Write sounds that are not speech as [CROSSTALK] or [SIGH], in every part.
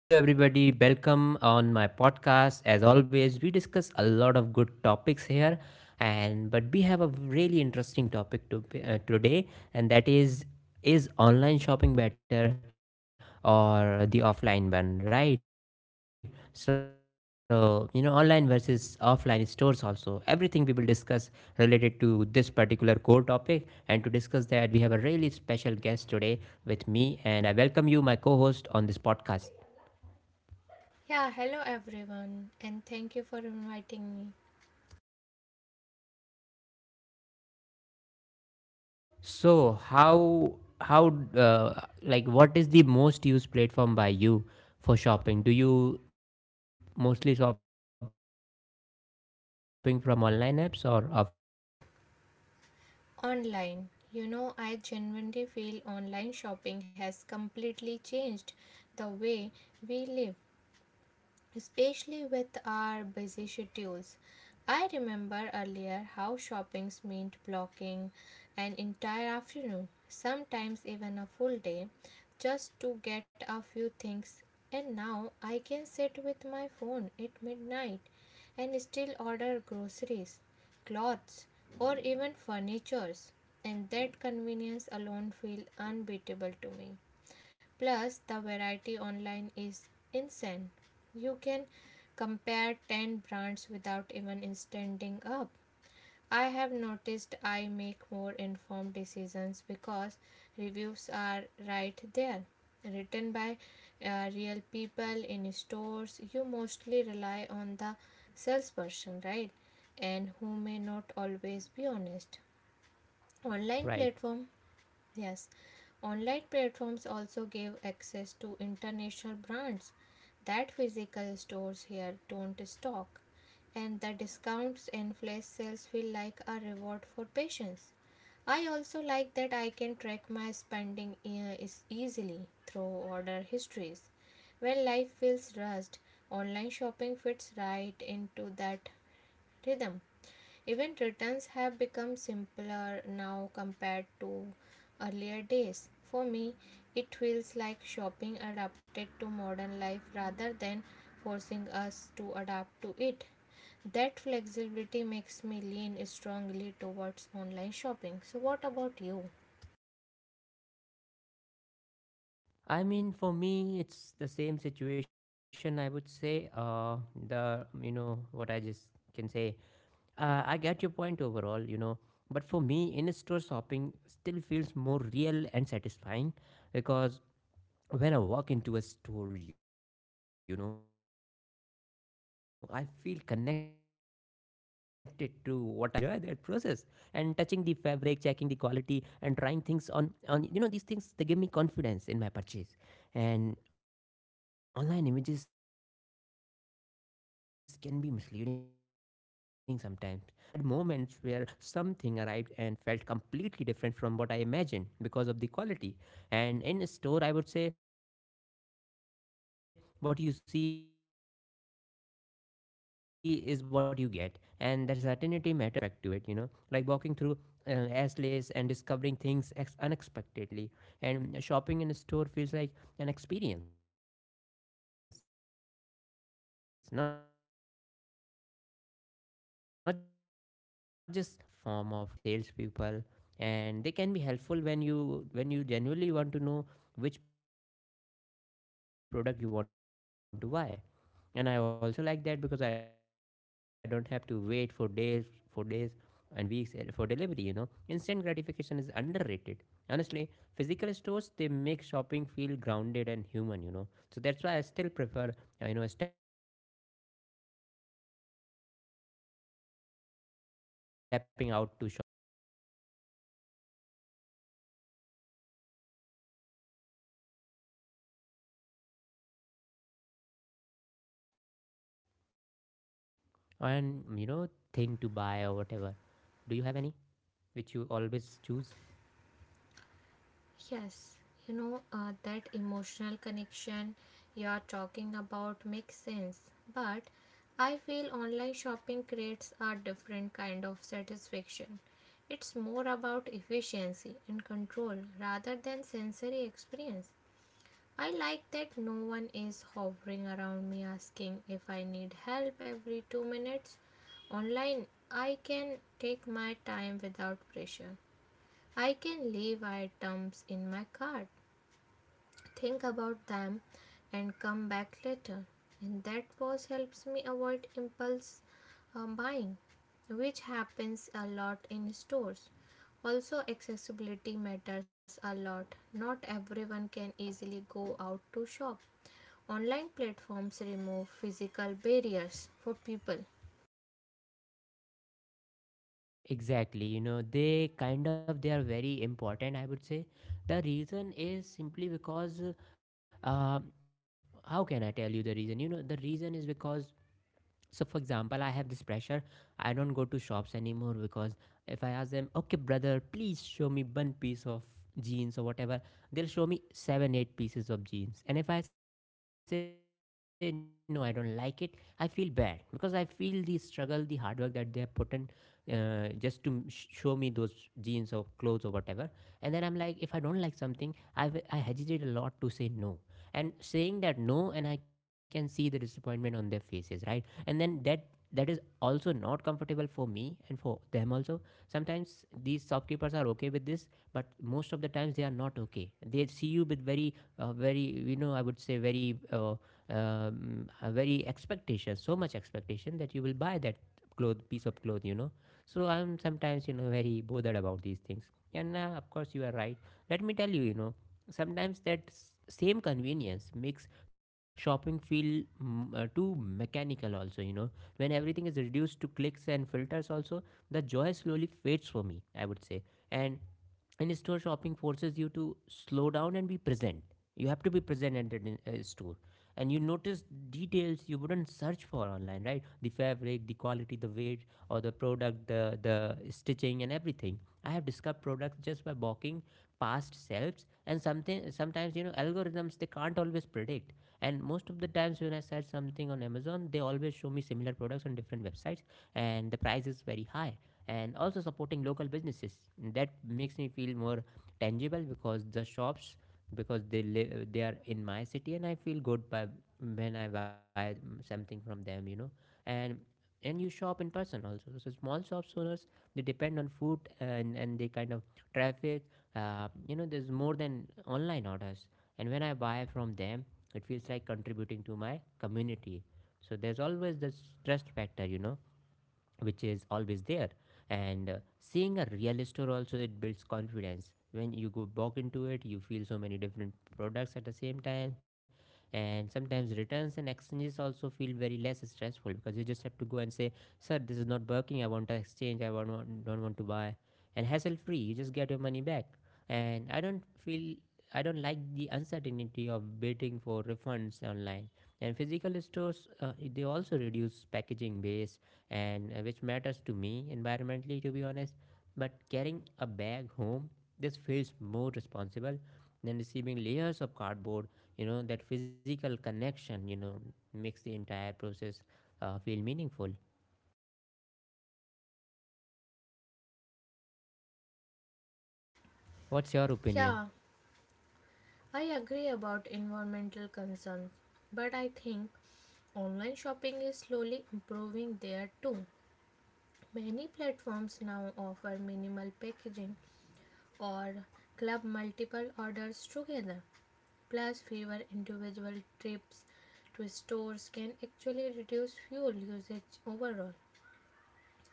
Hello, everybody. Welcome on my podcast. As always, we discuss a lot of good topics here, and but we have a really interesting topic today, and that is online shopping better or the offline one, right? So Online versus offline stores. Also, everything we will discuss related to this particular core topic, and to discuss that, we have a really special guest today with me, and I welcome you, my co-host, on this podcast. Yeah, hello everyone, and thank you for inviting me. So how like what is the most used platform by you for shopping? Do you mostly shopping from online apps or offline? Online. You know, I genuinely feel online shopping has completely changed the way we live, especially with our busy schedules. I remember earlier how shoppings meant blocking an entire afternoon, sometimes even a full day, just to get a few things. And now I can sit with my phone at midnight and still order groceries, clothes, or even furnitures. And that convenience alone feels unbeatable to me. Plus, the variety online is insane. You can compare 10 brands without even standing up. I have noticed I make more informed decisions because reviews are right there. Written by real people in stores, you mostly rely on the salesperson, right? And who may not always be honest. Online platform. Right. Yes, online platforms also give access to international brands that physical stores here don't stock, and the discounts and flash sales feel like a reward for patience. I also like that I can track my spending is easily through order histories. When life feels rushed, online shopping fits right into that rhythm. Even returns have become simpler now compared to earlier days. For me, it feels like shopping adapted to modern life rather than forcing us to adapt to it. That flexibility makes me Yes. lean strongly towards online shopping. So, what about you? I mean, for me, it's the same situation. I would say the you know what I just can say. I get your point overall. You know, but for me, in store shopping still feels more real and satisfying because when I walk into a store, you know, I feel connected to what I'm buying instead of just clicking pictures, you know. I really enjoy that process and touching the fabric, checking the quality and trying things on, you know, these things they give me confidence in my purchase. And online images can be misleading sometimes because no matter how many reviews you read, I was still had moments where something arrived and felt completely different from what I imagined because of the quality. And in a store, I would say what you see is what you get, and that certainty matters to me a lot, you know, in this situation because there's an also an emotional aspect to it, you know, like walking through Astley's and discovering things unexpectedly, and shopping in a store feels like an experience, not just a task anymore. You know, sometimes I mean, it even becomes a form of relaxation sometimes. But social time with friends and let's say salespeople, and they can be helpful when you genuinely want to know which product you want to buy. And I also like that because I don't have to wait for days for days and weeks for delivery. You know, instant gratification is underrated. Honestly, physical stores they make shopping feel grounded and human. You know, so that's why I still prefer stepping out to shop. I like that a lot, you know. And what's your favorite? I would say the best, thing to buy or whatever. Do you have any which you always choose? Yes, you know, that emotional connection you're talking about makes sense, but I feel online shopping creates a different kind of satisfaction. It's more about efficiency and control rather than sensory experience. I like that no one is hovering around me asking if I need help every 2 minutes. Online, I can take my time without pressure. I can leave items in my cart, think about them, and come back later. And that pause helps me avoid impulse buying, which happens a lot in stores. Also, accessibility matters a lot. Not everyone can easily go out to shop. Online platforms remove physical barriers for people. Exactly, you know, they kind of they are very important. I would say the reason is simply because, uh, how can I tell you the reason? You know, the reason is because so, for example, I have this pressure. I don't go to shops anymore because if I ask them, okay, brother, please show me one piece of jeans or whatever, they'll show me seven, eight pieces of jeans. And if I say, no, I don't like it, I feel bad because I feel the struggle, the hard work that they have put in just to show me those jeans or clothes or whatever. And then I'm like, if I don't like something, I hesitate a lot to say no, and saying that no, and I can see the disappointment on their faces, right? And then that is also not comfortable for me and for them also. Sometimes these shopkeepers are okay with this, but most of the times they are not okay. They see you with very very, you know, I would say very expectation, so much expectation that you will buy that cloth, piece of cloth, you know. So I'm sometimes, you know, very bothered about these things, and of course you are right. Let me tell you, you know, sometimes that same convenience makes shopping feel too mechanical also, you know, when everything is reduced to clicks and filters also, the joy slowly fades for me, I would say. And in store shopping forces you to slow down and be present. You have to be present at the store, and you notice details you wouldn't search for online, right? The fabric, the quality, the weight or the product, the stitching and everything. I have discovered products just by walking past shelves and something sometimes, you know, algorithms they can't always predict. And most of the times when I search something on Amazon, they always show me similar products on different websites, and the price is very high. And also supporting local businesses, that makes me feel more tangible because the shops, because they live, they are in my city, and I feel good by when I buy something from them, you know. and and you shop in person also, so small shops owners, they depend on food and they kind of traffic, you know, there's more than online orders. And when I buy from them, it feels like contributing to my community. So there's always this trust factor, you know, which is always there. And seeing a real store also, it builds confidence when you go back into it, you feel so many different products at the same time. And sometimes returns and exchanges also feel very less stressful, because you just have to go and say, sir, this is not working, I want to exchange, don't want to buy, and hassle free, you just get your money back. And I don't feel, I don't like the uncertainty of waiting for refunds online. And physical stores they also reduce packaging waste, and which matters to me environmentally to be honest. But carrying a bag home, this feels more responsible than receiving layers of cardboard. You know, that physical connection, you know, makes the entire process feel meaningful. What's your Yeah, opinion? I agree about environmental concerns, but I think online shopping is slowly improving there too. Many platforms now offer minimal packaging or club multiple orders together. Plus, fewer individual trips to stores can actually reduce fuel usage overall.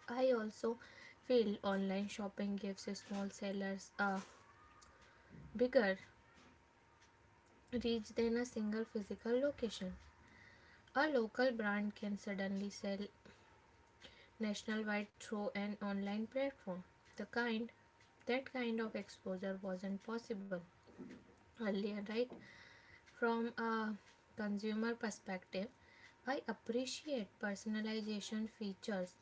I also feel online shopping gives small sellers a bigger reach than a single physical location. A local brand can suddenly sell nationwide through an online platform. The kind That kind of exposure wasn't possible earlier, right? From a consumer perspective, I appreciate personalization features.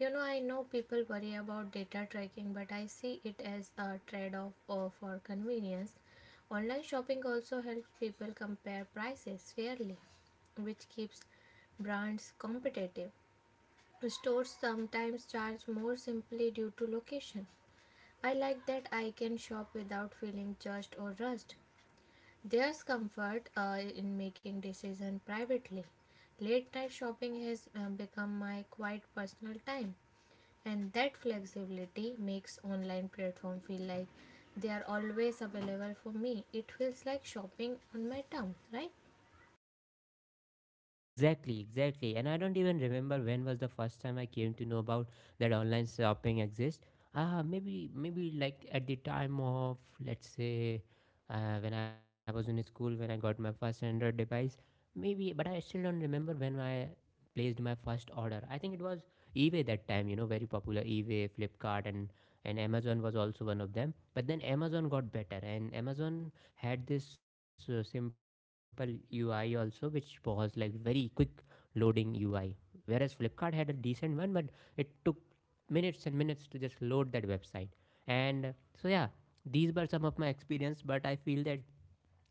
You know, I know people worry about data tracking, but I see it as a trade off for convenience. Online shopping also helps people compare prices fairly, which keeps brands competitive. Stores sometimes charge more simply due to location. I like that I can shop without feeling judged or rushed. There's comfort in making decisions privately. Late night shopping has become my quiet personal time, and that flexibility makes online platform feel like they are always available for me. It feels like shopping on my terms, right? Exactly, exactly. And I don't even remember when was the first time I came to know about that online shopping exists. Ah, maybe like at the time of let's say when I was in school, when I got my first Android device. Maybe, but I still don't remember when I placed my first order. I think it was eBay that time. You know, very popular eBay, Flipkart, and Amazon was also one of them. But then Amazon got better, and Amazon had this simple UI also, which was like very quick loading UI. Whereas Flipkart had a decent one, but it took minutes and minutes to just load that website. And so, yeah, these were some of my experience, but I feel that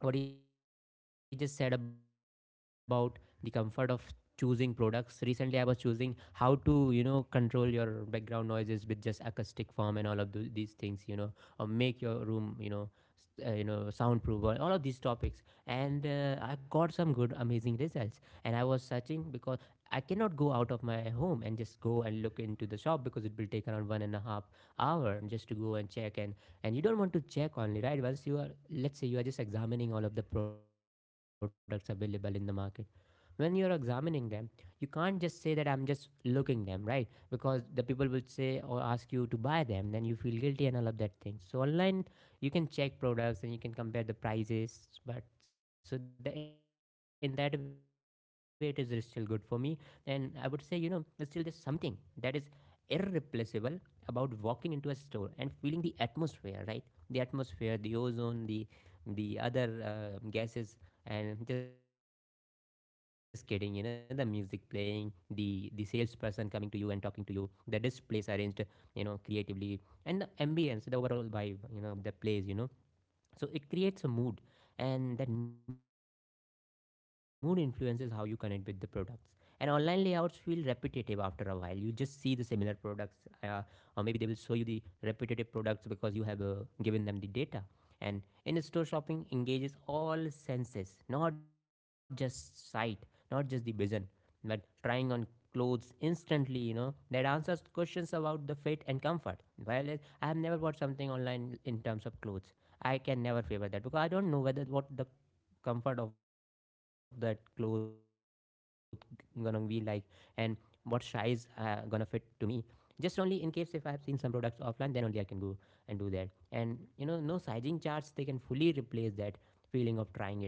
what he just said about the comfort of choosing products. Recently I was choosing how to, you know, control your background noises with just acoustic foam and all of these things, you know, or make your room, you know, you know, soundproof, or all of these topics. And I got some good amazing results, and I was searching because I cannot go out of my home and just go and look into the shop, because it will take around 1.5 hour just to go and check. And you don't want to check only, right? Once you are, let's say you are just examining all of the products available in the market, when you're examining them, you can't just say that I'm just looking them, right? Because the people will say or ask you to buy them, then you feel guilty and all of that thing. So online, you can check products and you can compare the prices, but so the, in that way it is still good for me. And I would say, you know, it's still there's something that is irreplaceable about walking into a store and feeling the atmosphere, right? The atmosphere, the ozone, the other gases, and just kidding, you know, the music playing, the salesperson coming to you and talking to you, the displays arranged, you know, creatively, and the ambience, the overall vibe, you know, of the place, you know. So it creates a mood, and that mood influences how you connect with the products. And online layouts feel repetitive after a while, you just see the similar products, uh, or maybe they will show you the repetitive products because you have given them the data. And in store shopping engages all senses, not just sight, not just the vision, but trying on clothes instantly, you know, that answers questions about the fit and comfort. While I have never bought something online in terms of clothes, I can never favor that because I don't know whether what the comfort of that cloth gonna be like and what size gonna fit to me. Just only in case if I have seen some products offline, then only I can go and do that. And you know, no sizing charts they can fully replace that feeling of trying it out.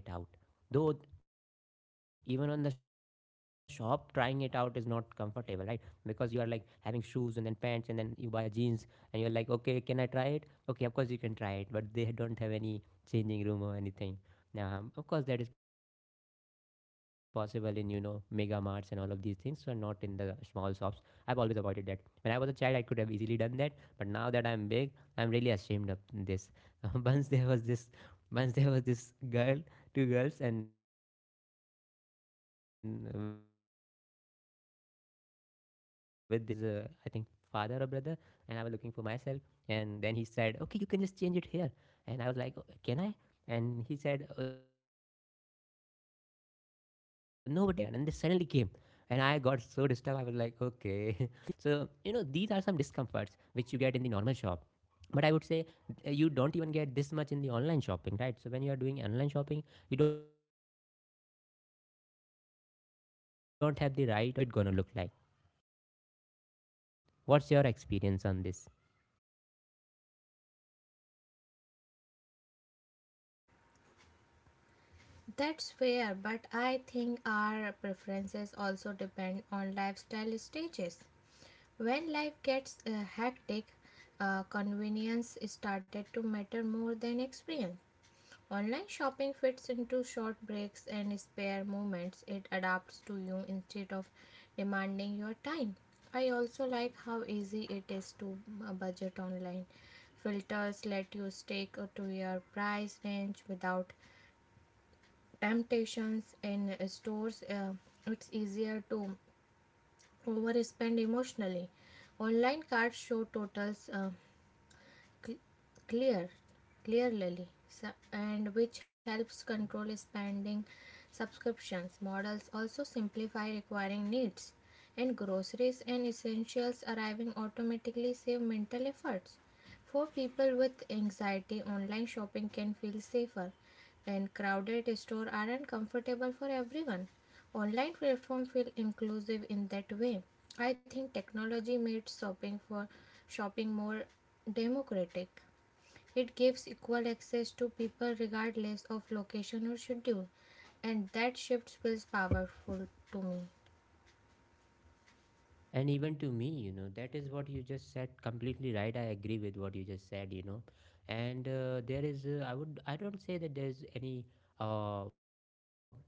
Though even on the shop, trying it out is not comfortable, right? Because you are like having shoes and then pants and then you buy a jeans and you're like, okay, can I try it? Okay, of course you can try it, but they don't have any changing room or anything. Of course, that is possible in you know mega marts and all of these things, so not in the small shops. I've always avoided that. When I was a child, I could have easily done that, but now that I'm big, I'm really ashamed of this. [LAUGHS] once there was this, Once there was this girl, two girls, and with their mom, I think, and I was on the other side. They were looking clothes for his, I think, father or brother, and I was looking for myself, and then he said, okay, you can just change it here. And I was like, can I? And he said, Nobody's coming here." And they suddenly came. And I got so disturbed. I was like, okay. [LAUGHS] So, you know, these are some discomforts which you get in the normal shop. But I would say you don't even get this much in the online shopping, right? So when you are doing online shopping, you don't have the right or you know, even the option to just choose what clothes you want and how the fit gonna look like. What's your experience on this? That's fair, but I think our preferences also depend on lifestyle stages. When life gets hectic, convenience started to matter more than experience. Online shopping fits into short breaks and spare moments. It adapts to you instead of demanding your time. I also like how easy it is to budget online. Filters let you stick to your price range without temptations in stores. It's easier to overspend emotionally. Online cards show totals, cl- clear, clearly, and which helps control spending. Subscriptions models also simplify requiring needs, and groceries and essentials arriving automatically save mental efforts. For people with anxiety, online shopping can feel safer, and crowded stores aren't comfortable for everyone. Online platforms feel inclusive in that way. I think technology made shopping for Shopping more democratic. It gives equal access to people regardless of location or schedule, and that shift feels powerful to me. And even to me, you know, that is what you just said, completely right. I agree with what you just said, you know. And there is, I don't say that there's uh,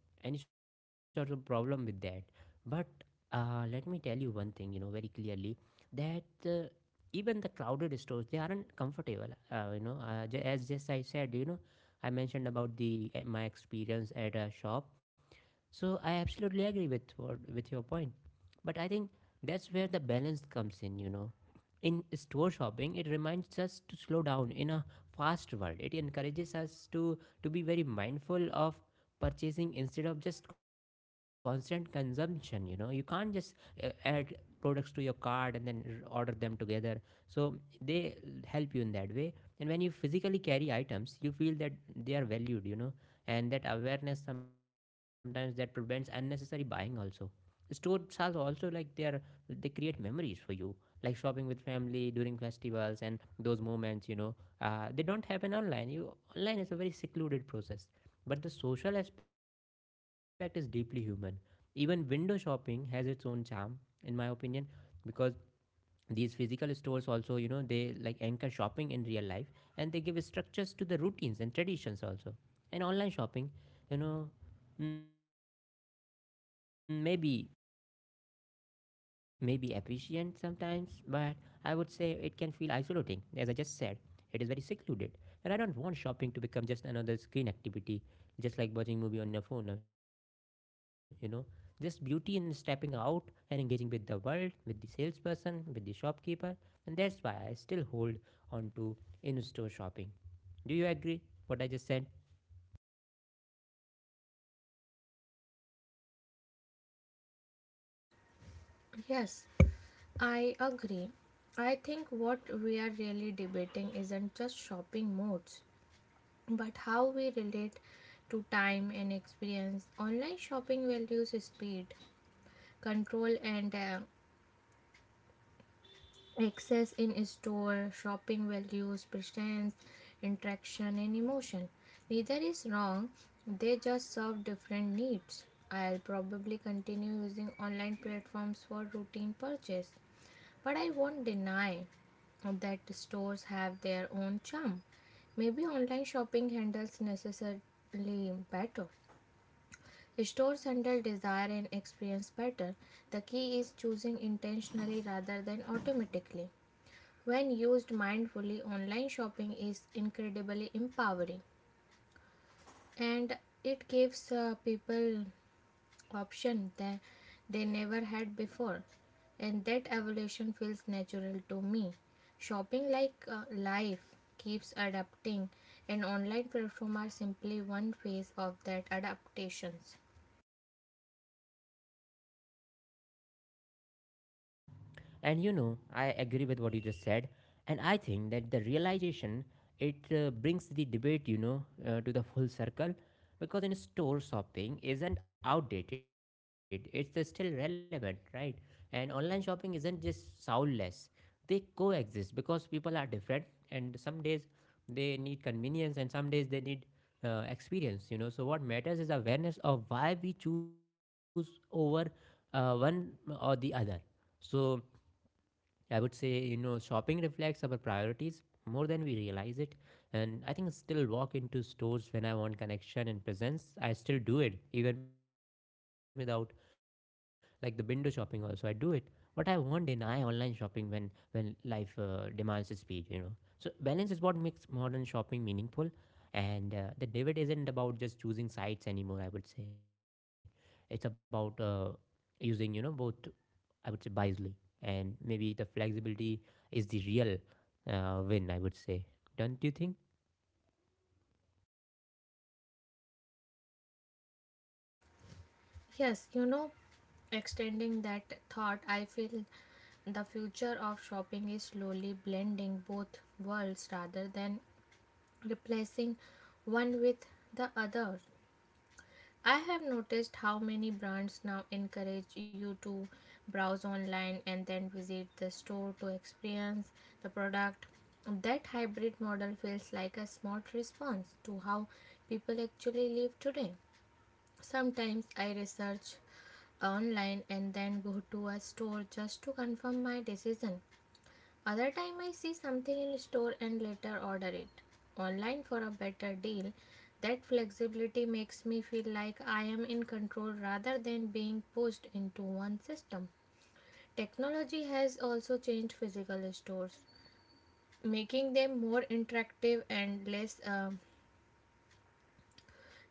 any sort of problem with that, but let me tell you one thing, you know, very clearly, that even the crowded stores, they aren't comfortable, as just I said, you know, I mentioned about the my experience at a shop. So I absolutely agree with with your point, but I think that's where the balance comes in. You know, in store shopping, it reminds us to slow down in a fast world. It encourages us to be very mindful of purchasing instead of just constant consumption. You know, you can't just add products to your cart and then order them together. So they help you in that way. And when you physically carry items, you feel that they are valued. You know, and that awareness sometimes that prevents unnecessary buying also. Stores are also like, they are, they create memories for you, like shopping with family during festivals and those moments, you know. They don't happen online. You, online is a very secluded process, but the social aspect is deeply human. Even window shopping has its own charm, in my opinion, because these physical stores also, you know, they like anchor shopping in real life, and they give structures to the routines and traditions also. And online shopping, you know, mm, maybe maybe efficient sometimes, but I would say it can feel isolating. As I just said, it is very secluded. And I don't want shopping to become just another screen activity, just like watching movie on your phone, you know. Just beauty in stepping out and engaging with the world, with the salesperson, with the shopkeeper, and that's why I still hold on to in-store shopping. Do you agree what I just said? Yes, I agree. I think what we are really debating isn't just shopping modes, but how we relate to time and experience. Online shopping values speed, control, and access in store. Shopping values presence, interaction, and emotion. Neither is wrong, they just serve different needs. I'll probably continue using online platforms for routine purchase, but I won't deny that stores have their own charm. Maybe online shopping handles necessarily better. Stores handle desire and experience better. The key is choosing intentionally rather than automatically. When used mindfully, online shopping is incredibly empowering, and it gives people option that they never had before, and that evolution feels natural to me. Shopping, like life, keeps adapting, and online platforms are simply one phase of that adaptations. Exactly. And you know, I agree with what you just said. And I think that the realization, it brings the debate, you know, to the full circle, because in store shopping isn't outdated, it's still relevant, right? And online shopping isn't just soundless; they coexist because people are different, and some days they need convenience, and some days they need experience, you know. So what matters is awareness of why we choose over one or the other. So I would say, you know, shopping reflects our priorities more than we realize it. And I think I still walk into stores when I want connection and presence. I still do it, even without, like, the window shopping also. I do it. But I won't deny online shopping when life demands speed, you know. So balance is what makes modern shopping meaningful. And the debate isn't about just choosing sites anymore, I would say. It's about using, you know, both, I would say, wisely, and maybe the flexibility is the real win, I would say. Don't you think? Yes, you know, extending that thought, I feel the future of shopping is slowly blending both worlds rather than replacing one with the other. I have noticed how many brands now encourage you to browse online and then visit the store to experience the product. That hybrid model feels like a smart response to how people actually live today. Sometimes I research online and then go to a store just to confirm my decision. Other time I see something in store and later order it online for a better deal. That flexibility makes me feel like I am in control rather than being pushed into one system. Technology has also changed physical stores, making them more interactive and less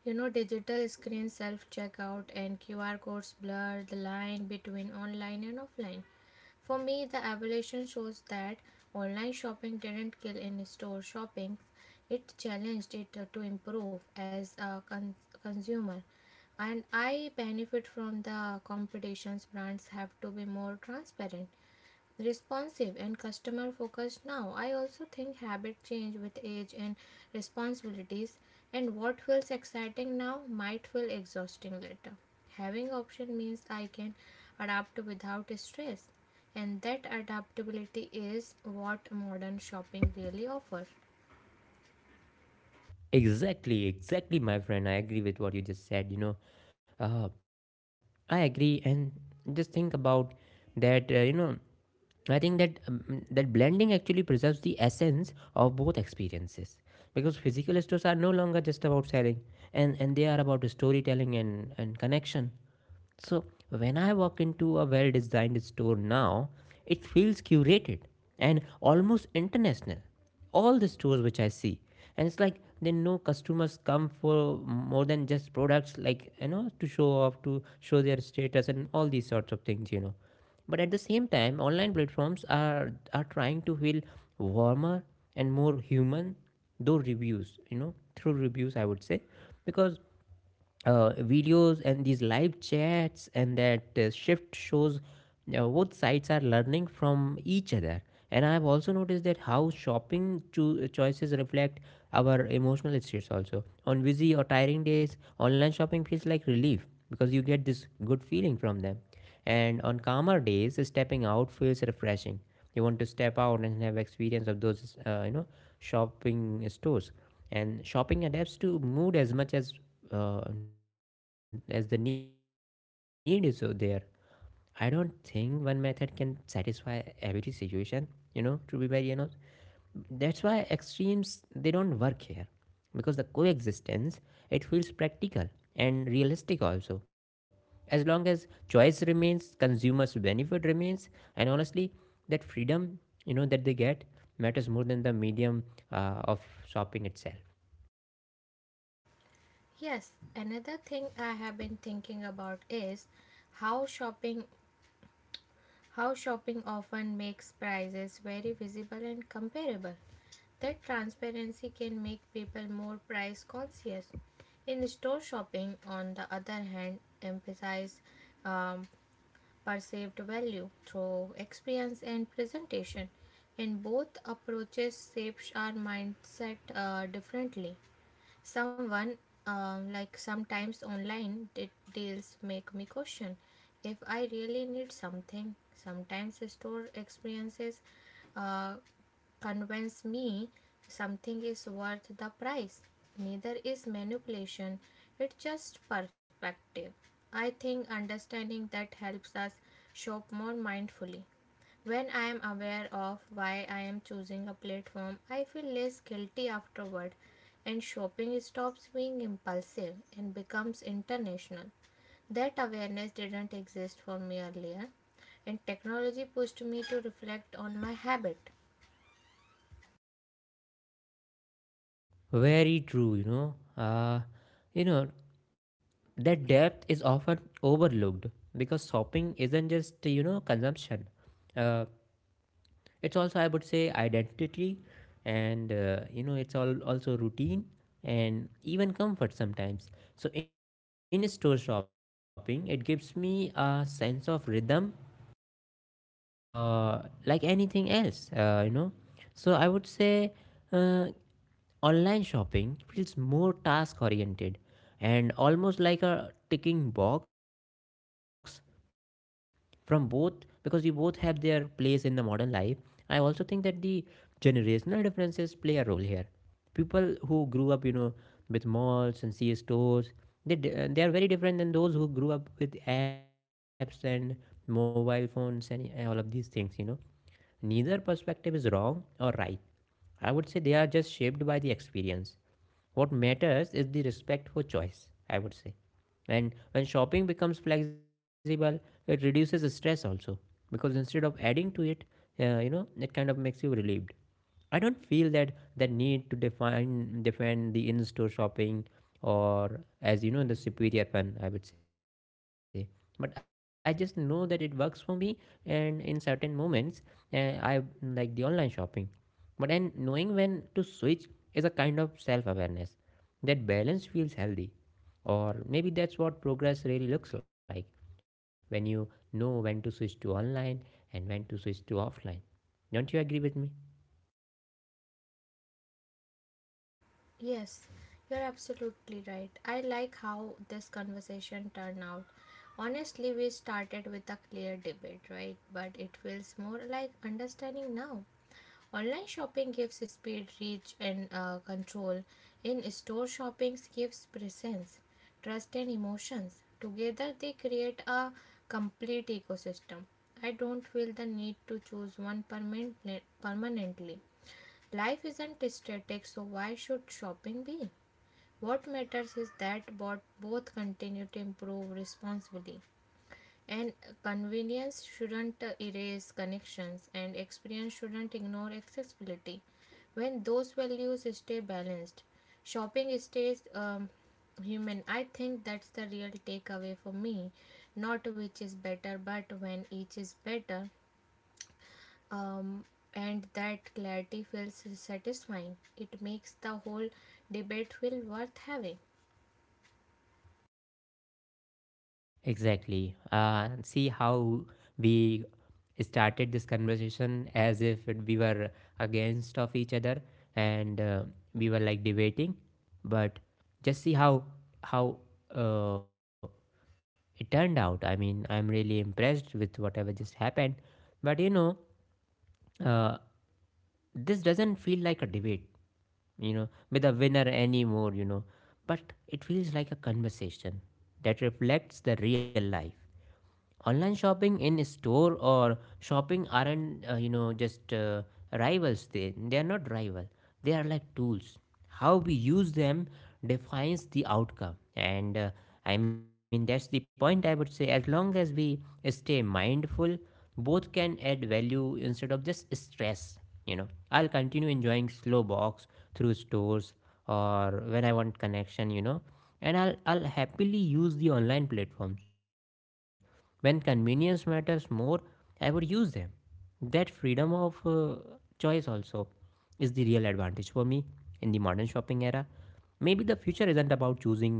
you know, digital screen self checkout and QR codes blur the line between online and offline. For me, the evolution shows that online shopping didn't kill in store shopping, it challenged it to improve as a consumer. And I benefit from the competitions, brands have to be more transparent, responsive and customer focused now. I also think habit change with age and responsibilities, and what feels exciting now might feel exhausting later. Having option means I can adapt without stress, and that adaptability is what modern shopping really offers. Exactly, exactly, my friend. I agree with what you just said. You know, uh, I agree, and just think about that. You know, I think that that blending actually preserves the essence of both experiences, because physical stores are no longer just about selling, and they are about storytelling and connection. So when I walk into a well designed store now, it feels curated and almost international. All the stores which I see, and it's like they know customers come for more than just products, like, you know, to show off, to show their status, and all these sorts of things, you know. But at the same time, online platforms are trying to feel warmer and more human, though reviews, you know, through reviews, I would say, because videos and these live chats and that shift shows both sides are learning from each other. And I have also noticed that how shopping choices reflect our emotional states also. On busy or tiring days, online shopping feels like relief because you get this good feeling from them, and on calmer days, stepping out feels refreshing. You want to step out and have experience of those, you know, shopping stores. And shopping adapts to mood as much uh, as the need is so there. I don't think one method can satisfy every situation. You know, to be very honest, that's why extremes, they don't work here, because the coexistence, it feels practical and realistic also. As long as choice remains, consumers benefit remains. And honestly, that freedom, you know, that they get matters more than the medium of shopping itself. Yes, another thing I have been thinking about is how shopping how shopping often makes prices very visible and comparable. That transparency can make people more price conscious. In store shopping, on the other hand, emphasize um, perceived value through experience and presentation. In both approaches, shapes our mindset differently. Someone Like sometimes online deals make me question if I really need something. Sometimes store experiences uh, convince me something is worth the price. Neither is manipulation, it's just perspective. I think understanding that helps us shop more mindfully. When I am aware of why I am choosing a platform, I feel less guilty afterward, and shopping stops being impulsive and becomes international. That awareness didn't exist for me earlier, and technology pushed me to reflect on my habit. Very true, you know. You know, that depth is often overlooked, because shopping isn't just, you know, consumption. uh, it's also, I would say, identity, and you know, it's all also routine and even comfort sometimes. So in store shopping, it gives me a sense of rhythm, uh, like anything else, you know. So I would say, uh, online shopping feels more task oriented and almost like a ticking box from both, because we both have their place in the modern life. I also think that the generational differences play a role here. People who grew up, you know, with malls and sea stores, they are very different than those who grew up with apps and mobile phones and all of these things, you know. Neither perspective is wrong or right. I would say they are just shaped by the experience. What matters is the respect for choice, I would say. And when shopping becomes flexible, it reduces stress also, because instead of adding to it, you know, it kind of makes you relieved. I don't feel that that need to define defend the in-store shopping, or, as you know, the superior fun, I would say. But I just know that it works for me, and in certain moments, I like the online shopping. But and knowing when to switch is a kind of self-awareness. That balance feels healthy. Or maybe that's what progress really looks like, when you know when to switch to online and when to switch to offline. Don't you agree with me? Yes, you're absolutely right. I like how this conversation turned out. Honestly, we started with a clear debate, right? But it feels more like understanding now. Online shopping gives speed, reach, and control. In store shopping gives presence, trust, and emotions. Together, they create a complete ecosystem. I don't feel the need to choose one permanently. Life isn't static, so why should shopping be? What matters is that both continue to improve responsibly. And convenience shouldn't erase connections, and experience shouldn't ignore accessibility. When those values stay balanced, shopping stays human. I think that's the real takeaway for me. Not which is better, but when each is better, um, and that clarity feels satisfying. It makes the whole debate feel worth having. Exactly. See how we started this conversation as if we were against of each other, and we were like debating, but just see how how uh, it turned out. I mean, I'm really impressed with whatever just happened. But you know, uh, this doesn't feel like a debate, you know, with a winner anymore, you know, but it feels like a conversation that reflects the real life. Online shopping, in store or shopping aren't, you know, just rivals. They are not rival, they are like tools. How we use them defines the outcome. And I mean, that's the point, I would say. As long as we stay mindful, both can add value instead of just stress, you know. I'll continue enjoying slow box through stores or when I want connection, you know, and I'll happily use the online platforms when convenience matters more, I would use them. That freedom of choice also is the real advantage for me in the modern shopping era. Maybe the future isn't about choosing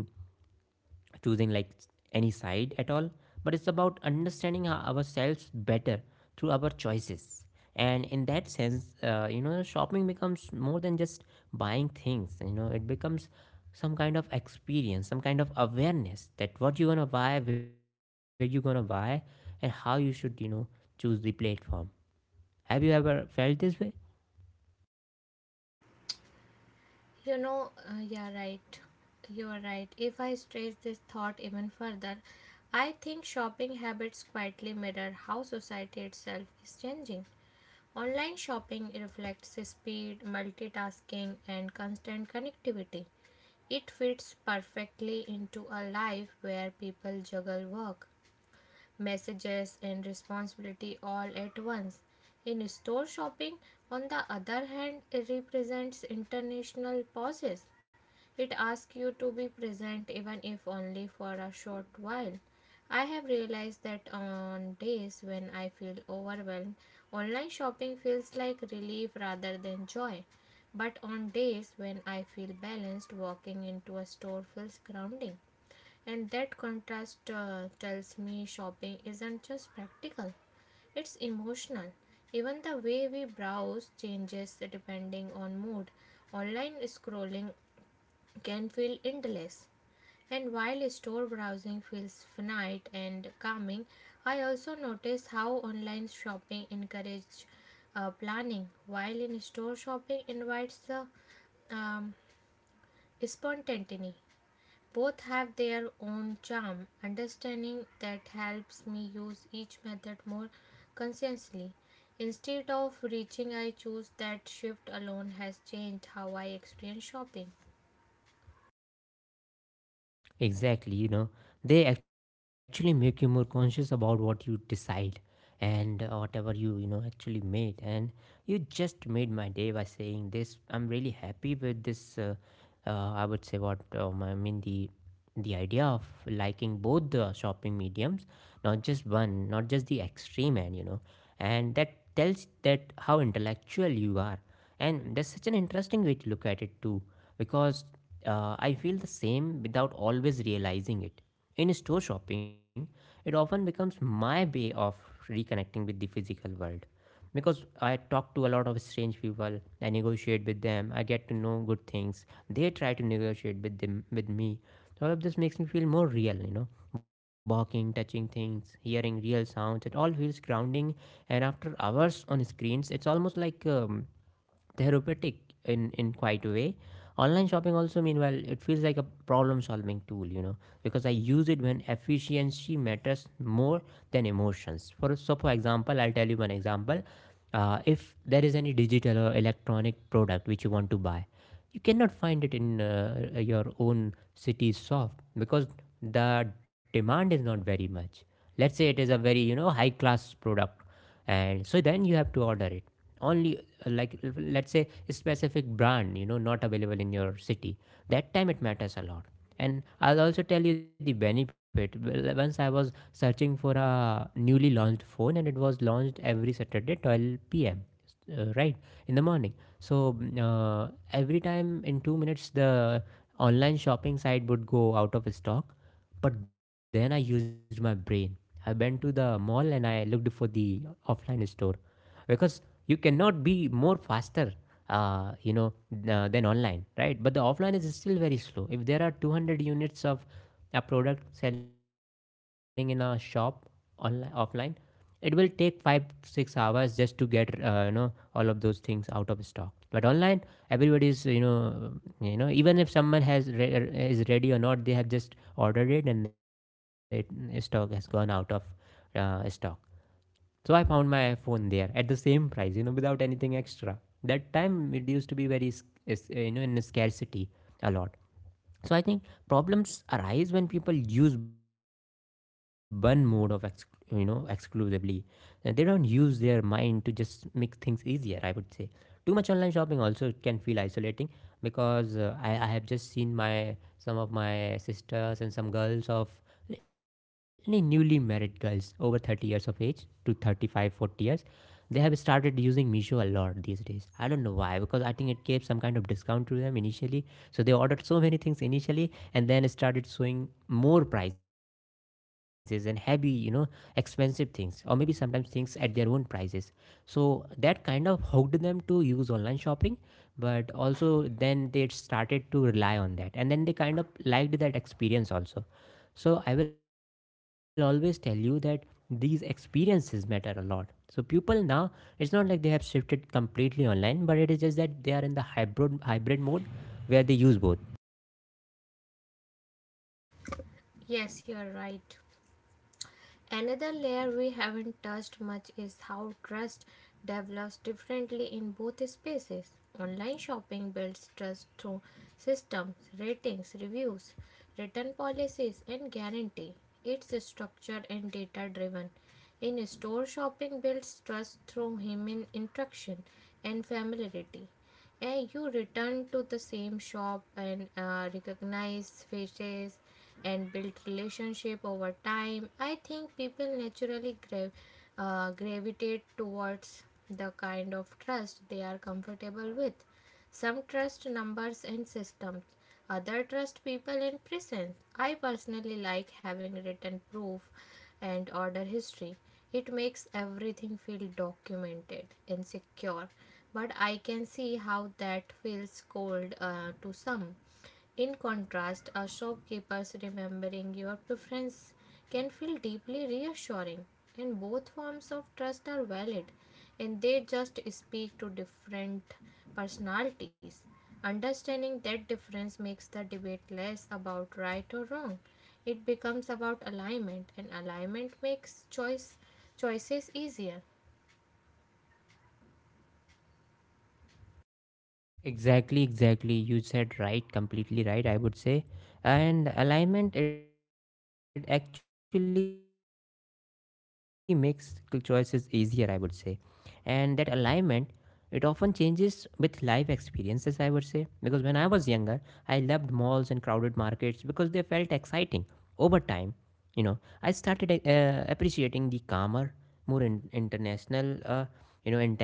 choosing like any side at all, but it's about understanding ourselves better through our choices. And in that sense, shopping becomes more than just buying things. It becomes some kind of experience, some kind of awareness that what you're gonna buy, where you're gonna buy, and how you should, choose the platform. Have you ever felt this way? You know, you're right. If I stretch this thought even further, I think shopping habits quietly mirror how society itself is changing. Online shopping reflects speed, multitasking, and constant connectivity. It fits perfectly into a life where people juggle work, messages, and responsibility all at once. In store shopping, on the other hand, it represents international pauses. It asks you to be present even if only for a short while. I have realized that on days when I feel overwhelmed, online shopping feels like relief rather than joy. But on days when I feel balanced, walking into a store feels grounding. And that contrast tells me shopping isn't just practical, it's emotional. Even the way we browse changes depending on mood. Online scrolling can feel endless. And while store browsing feels finite and calming, I also notice how online shopping encourages planning, while in store shopping invites the um, spontaneity. Both have their own charm. Understanding that helps me use each method more consciously. Instead of reaching, I choose that shift alone has changed how I experience shopping. Exactly, you know, they actually make you more conscious about what you decide, and whatever you, you know actually made. And you just made my day by saying this. I'm really happy with this. I would say what I mean, the idea of liking both the shopping mediums, not just one, not just the extreme end, you know, and that tells that how intellectual you are. And that's such an interesting way to look at it too, because I feel the same without always realizing it. In store shopping, it often becomes my way of reconnecting with the physical world, because I talk to a lot of strange people, I negotiate with them, I get to know good things. They try to negotiate with them with me. All of this makes me feel more real, you know, walking, touching things, hearing real sounds. It all feels grounding, and after hours on screens, it's almost like therapeutic in quite a way. Online shopping also, meanwhile, it feels like a problem solving tool, you know, because I use it when efficiency matters more than emotions. For example, I'll tell you one example. If there is any digital or electronic product which you want to buy, you cannot find it in your own city's soft, because the demand is not very much. Let's say it is a very, you know, high class product, and so then you have to order it only, like let's say a specific brand, you know, not available in your city. That time it matters a lot. And I'll also tell you the benefit. Well, once I was searching for a newly launched phone, and it was launched every saturday 12 p.m. Right in the morning. So every time in 2 minutes the online shopping site would go out of stock. But then I used my brain, I went to the mall, and I looked for the offline store, because you cannot be more faster, uh, you know than online, right? But the offline is still very slow. If there are 200 units of a product selling in a shop, online offline, it will take 5 6 hours just to get, all of those things out of stock. But online, everybody is, you know, even if someone has is ready or not, they have just ordered it, and it stock has gone out of stock. So I found my phone there at the same price, you know, without anything extra. That time it used to be very you know, in scarcity a lot. So I think problems arise when people use one mode of you know, exclusively, and they don't use their mind to just make things easier, I would say. Too much online shopping also can feel isolating, because I have just seen my, some of my sisters and some girls of, many newly married girls over 30 years of age to 35, 40 years, they have started using Meesho a lot these days. I don't know why, because I think it gave some kind of discount to them initially. So they ordered so many things initially, and then started showing more prices and heavy, you know, expensive things, or maybe sometimes things at their own prices. So that kind of hooked them to use online shopping, but also then they started to rely on that, and then they kind of liked that experience also. So I will always tell you that these experiences matter a lot. So people now, it's not like they have shifted completely online, but it is just that they are in the hybrid mode where they use both. Yes, you are right. Another layer we haven't touched much is how trust develops differently in both spaces. Online shopping builds trust through systems, ratings, reviews, return policies, and guarantee. It's structured and data driven. In store shopping builds trust through human interaction and familiarity, and you return to the same shop and recognize faces and build relationship over time. I think people naturally gravitate towards the kind of trust they are comfortable with. Some trust numbers and systems, other trust people and presence. I personally like having written proof and order history. It makes everything feel documented and secure, but I can see how that feels cold to some. In contrast, a shopkeeper's remembering your preference can feel deeply reassuring, and both forms of trust are valid, and they just speak to different personalities. Understanding that difference makes the debate less about right or wrong. It becomes about alignment, and alignment makes choices easier. Exactly, exactly. You said right, completely right, I would say. And alignment, it actually makes choices easier, I would say. And that alignment, it often changes with life experiences, I would say. Because when I was younger, I loved malls and crowded markets because they felt exciting. Over time, you know, I started appreciating the calmer,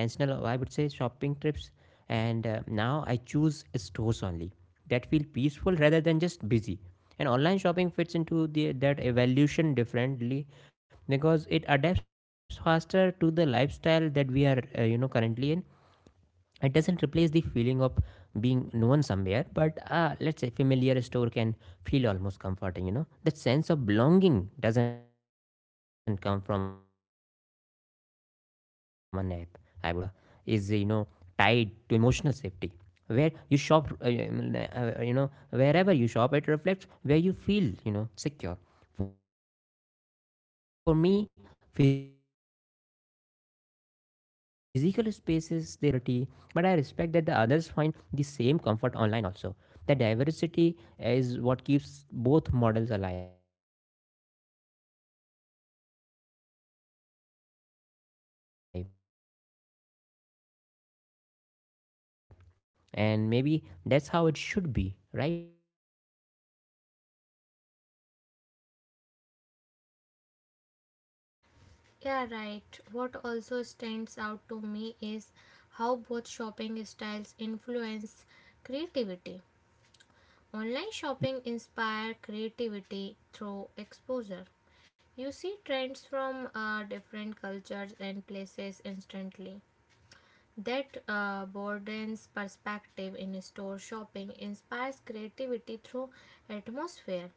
more international, you know, intentional, I would say, shopping trips. And now I choose stores only that feel peaceful rather than just busy. And online shopping fits into that evolution differently, because it adapts faster to the lifestyle that we are, currently in. It doesn't replace the feeling of being known somewhere, but let's say familiar store can feel almost comforting, you know, that sense of belonging doesn't come from an app, I would say. I think people underestimate how much shopping is, you know, tied to emotional safety. Where you shop, wherever you shop, it reflects where you feel, you know, secure. For me, physical spaces, they still offer that, that peace, that calmness, that assurity. But I respect that the others find the same comfort online also. That diversity is what keeps both models alive. And maybe that's how it should be, right? Yeah, right. What also stands out to me is how both shopping styles Do you influence agree creativity. with what I Online say? shopping inspire creativity through exposure. You see trends from different cultures and places instantly. That Borden's perspective in store shopping inspires creativity through atmosphere.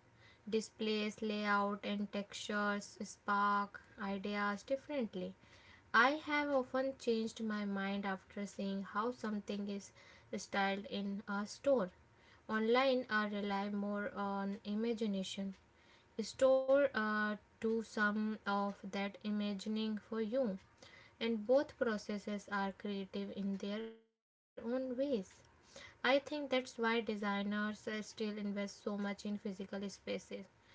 Displays, layout, and textures spark ideas differently. I have often changed my mind after seeing how something is styled in a store. Online, I rely more on imagination. Store do some of that imagining for you, and both processes are creative in their own ways. I think that's why designers still invest so much in physical spaces.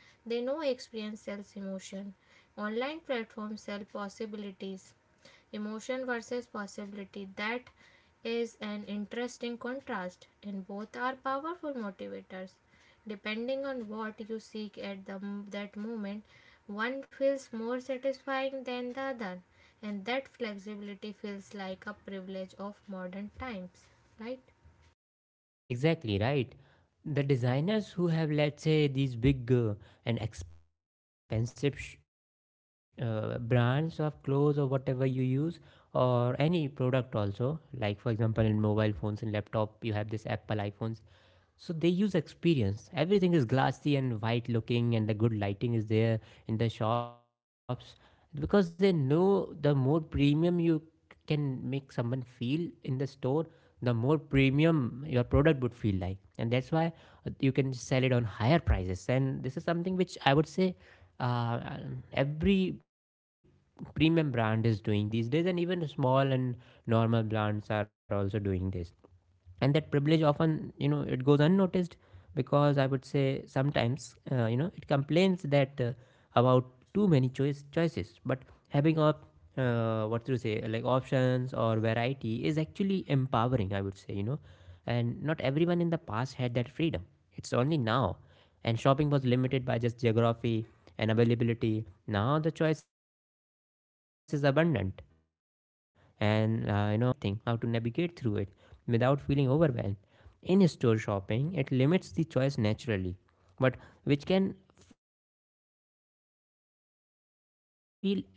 They know experience sells emotion. Online platforms sell possibilities. Emotion versus possibility. That is an interesting contrast, and both are powerful motivators. Depending on what you seek at that moment, one feels more satisfying than the other, and that flexibility feels like a privilege of modern times, right? Exactly right. The designers who have, let's say, these big and expensive brands of clothes or whatever you use, or any product also, like for example, in mobile phones and laptop, you have this Apple iPhones. So they use experience. Everything is glassy and white looking, and the good lighting is there in the shops, because they know the more premium you can make someone feel in the store, the more premium your product would feel like, and that's why you can sell it on higher prices. And this is something which I would say, uh, every premium brand is doing these days, and even small and normal brands are also doing this. And that privilege often, you know, it goes unnoticed, because I would say sometimes, you know, it complains that, about too many choices. But having up what to say, like options or variety is actually empowering, I would say, you know. And not everyone in the past had that freedom, it's only now. And shopping was limited by just geography and availability. Now the choice is abundant, and the challenge is learning how to choose the right thing, how to navigate through it without feeling overwhelmed. In store shopping, it limits the choice naturally, but which can feel relieving sometimes also.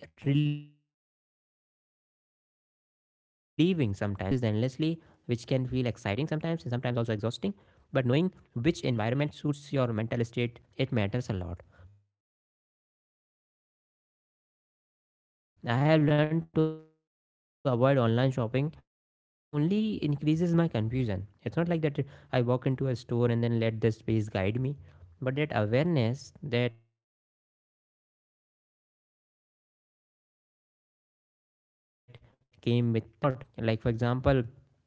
And I mean, online shopping, it expands choices endlessly, which can feel exciting sometimes and sometimes also exhausting. But knowing which environment suits your mental state, it matters a lot. I have learned to avoid online shopping when I feel indecisive. That's the point where I don't choose, or you know, do anything. But it only increases my confusion. It's not like that I walk into a store and then let the space guide me, but that awareness that came with time, matters a lot to me, and it changed me a lot. uh, you know like for example,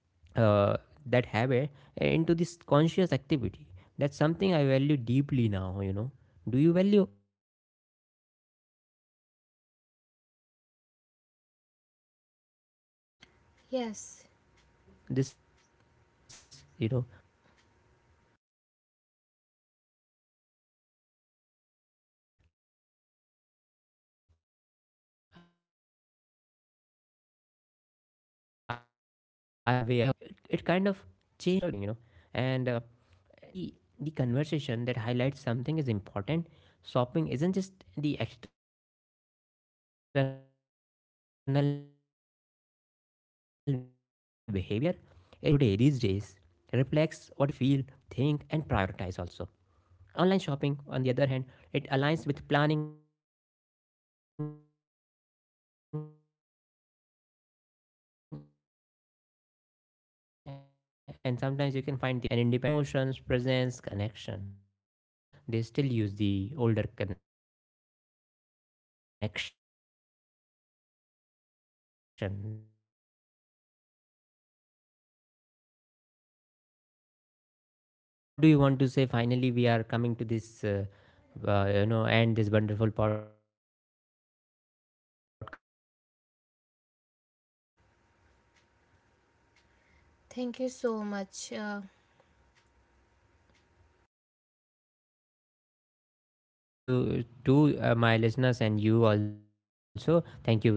uh, that habit, into this conscious activity, that's something I value deeply now, you know. Do you value this, you know, consciousness? Yes, I also value, you know, so that's a really good thing, you know. And it kind of changed the way I look on this, you know. And I think this is the conversation that highlights something is important. Shopping isn't just the external behavior, it's the internal reflection. How we shop today these days reflects what we feel, think and prioritize also. Online shopping, on the other hand, it aligns with planning, and sometimes you can find the most efficient product, you know, all comparing and all of that, and independence also. And in store shopping, I would say it aligns with emotions, presence, connection. Older people, they still use the older connection, that is the, uh, offline, you know, offline thing. So, what do you want to say? Finally, we are coming to this, end this wonderful podcast. Do you have some final words for our podcast? thank you so much. Yeah, thank you to my listeners and you also. Thank you very much, you know.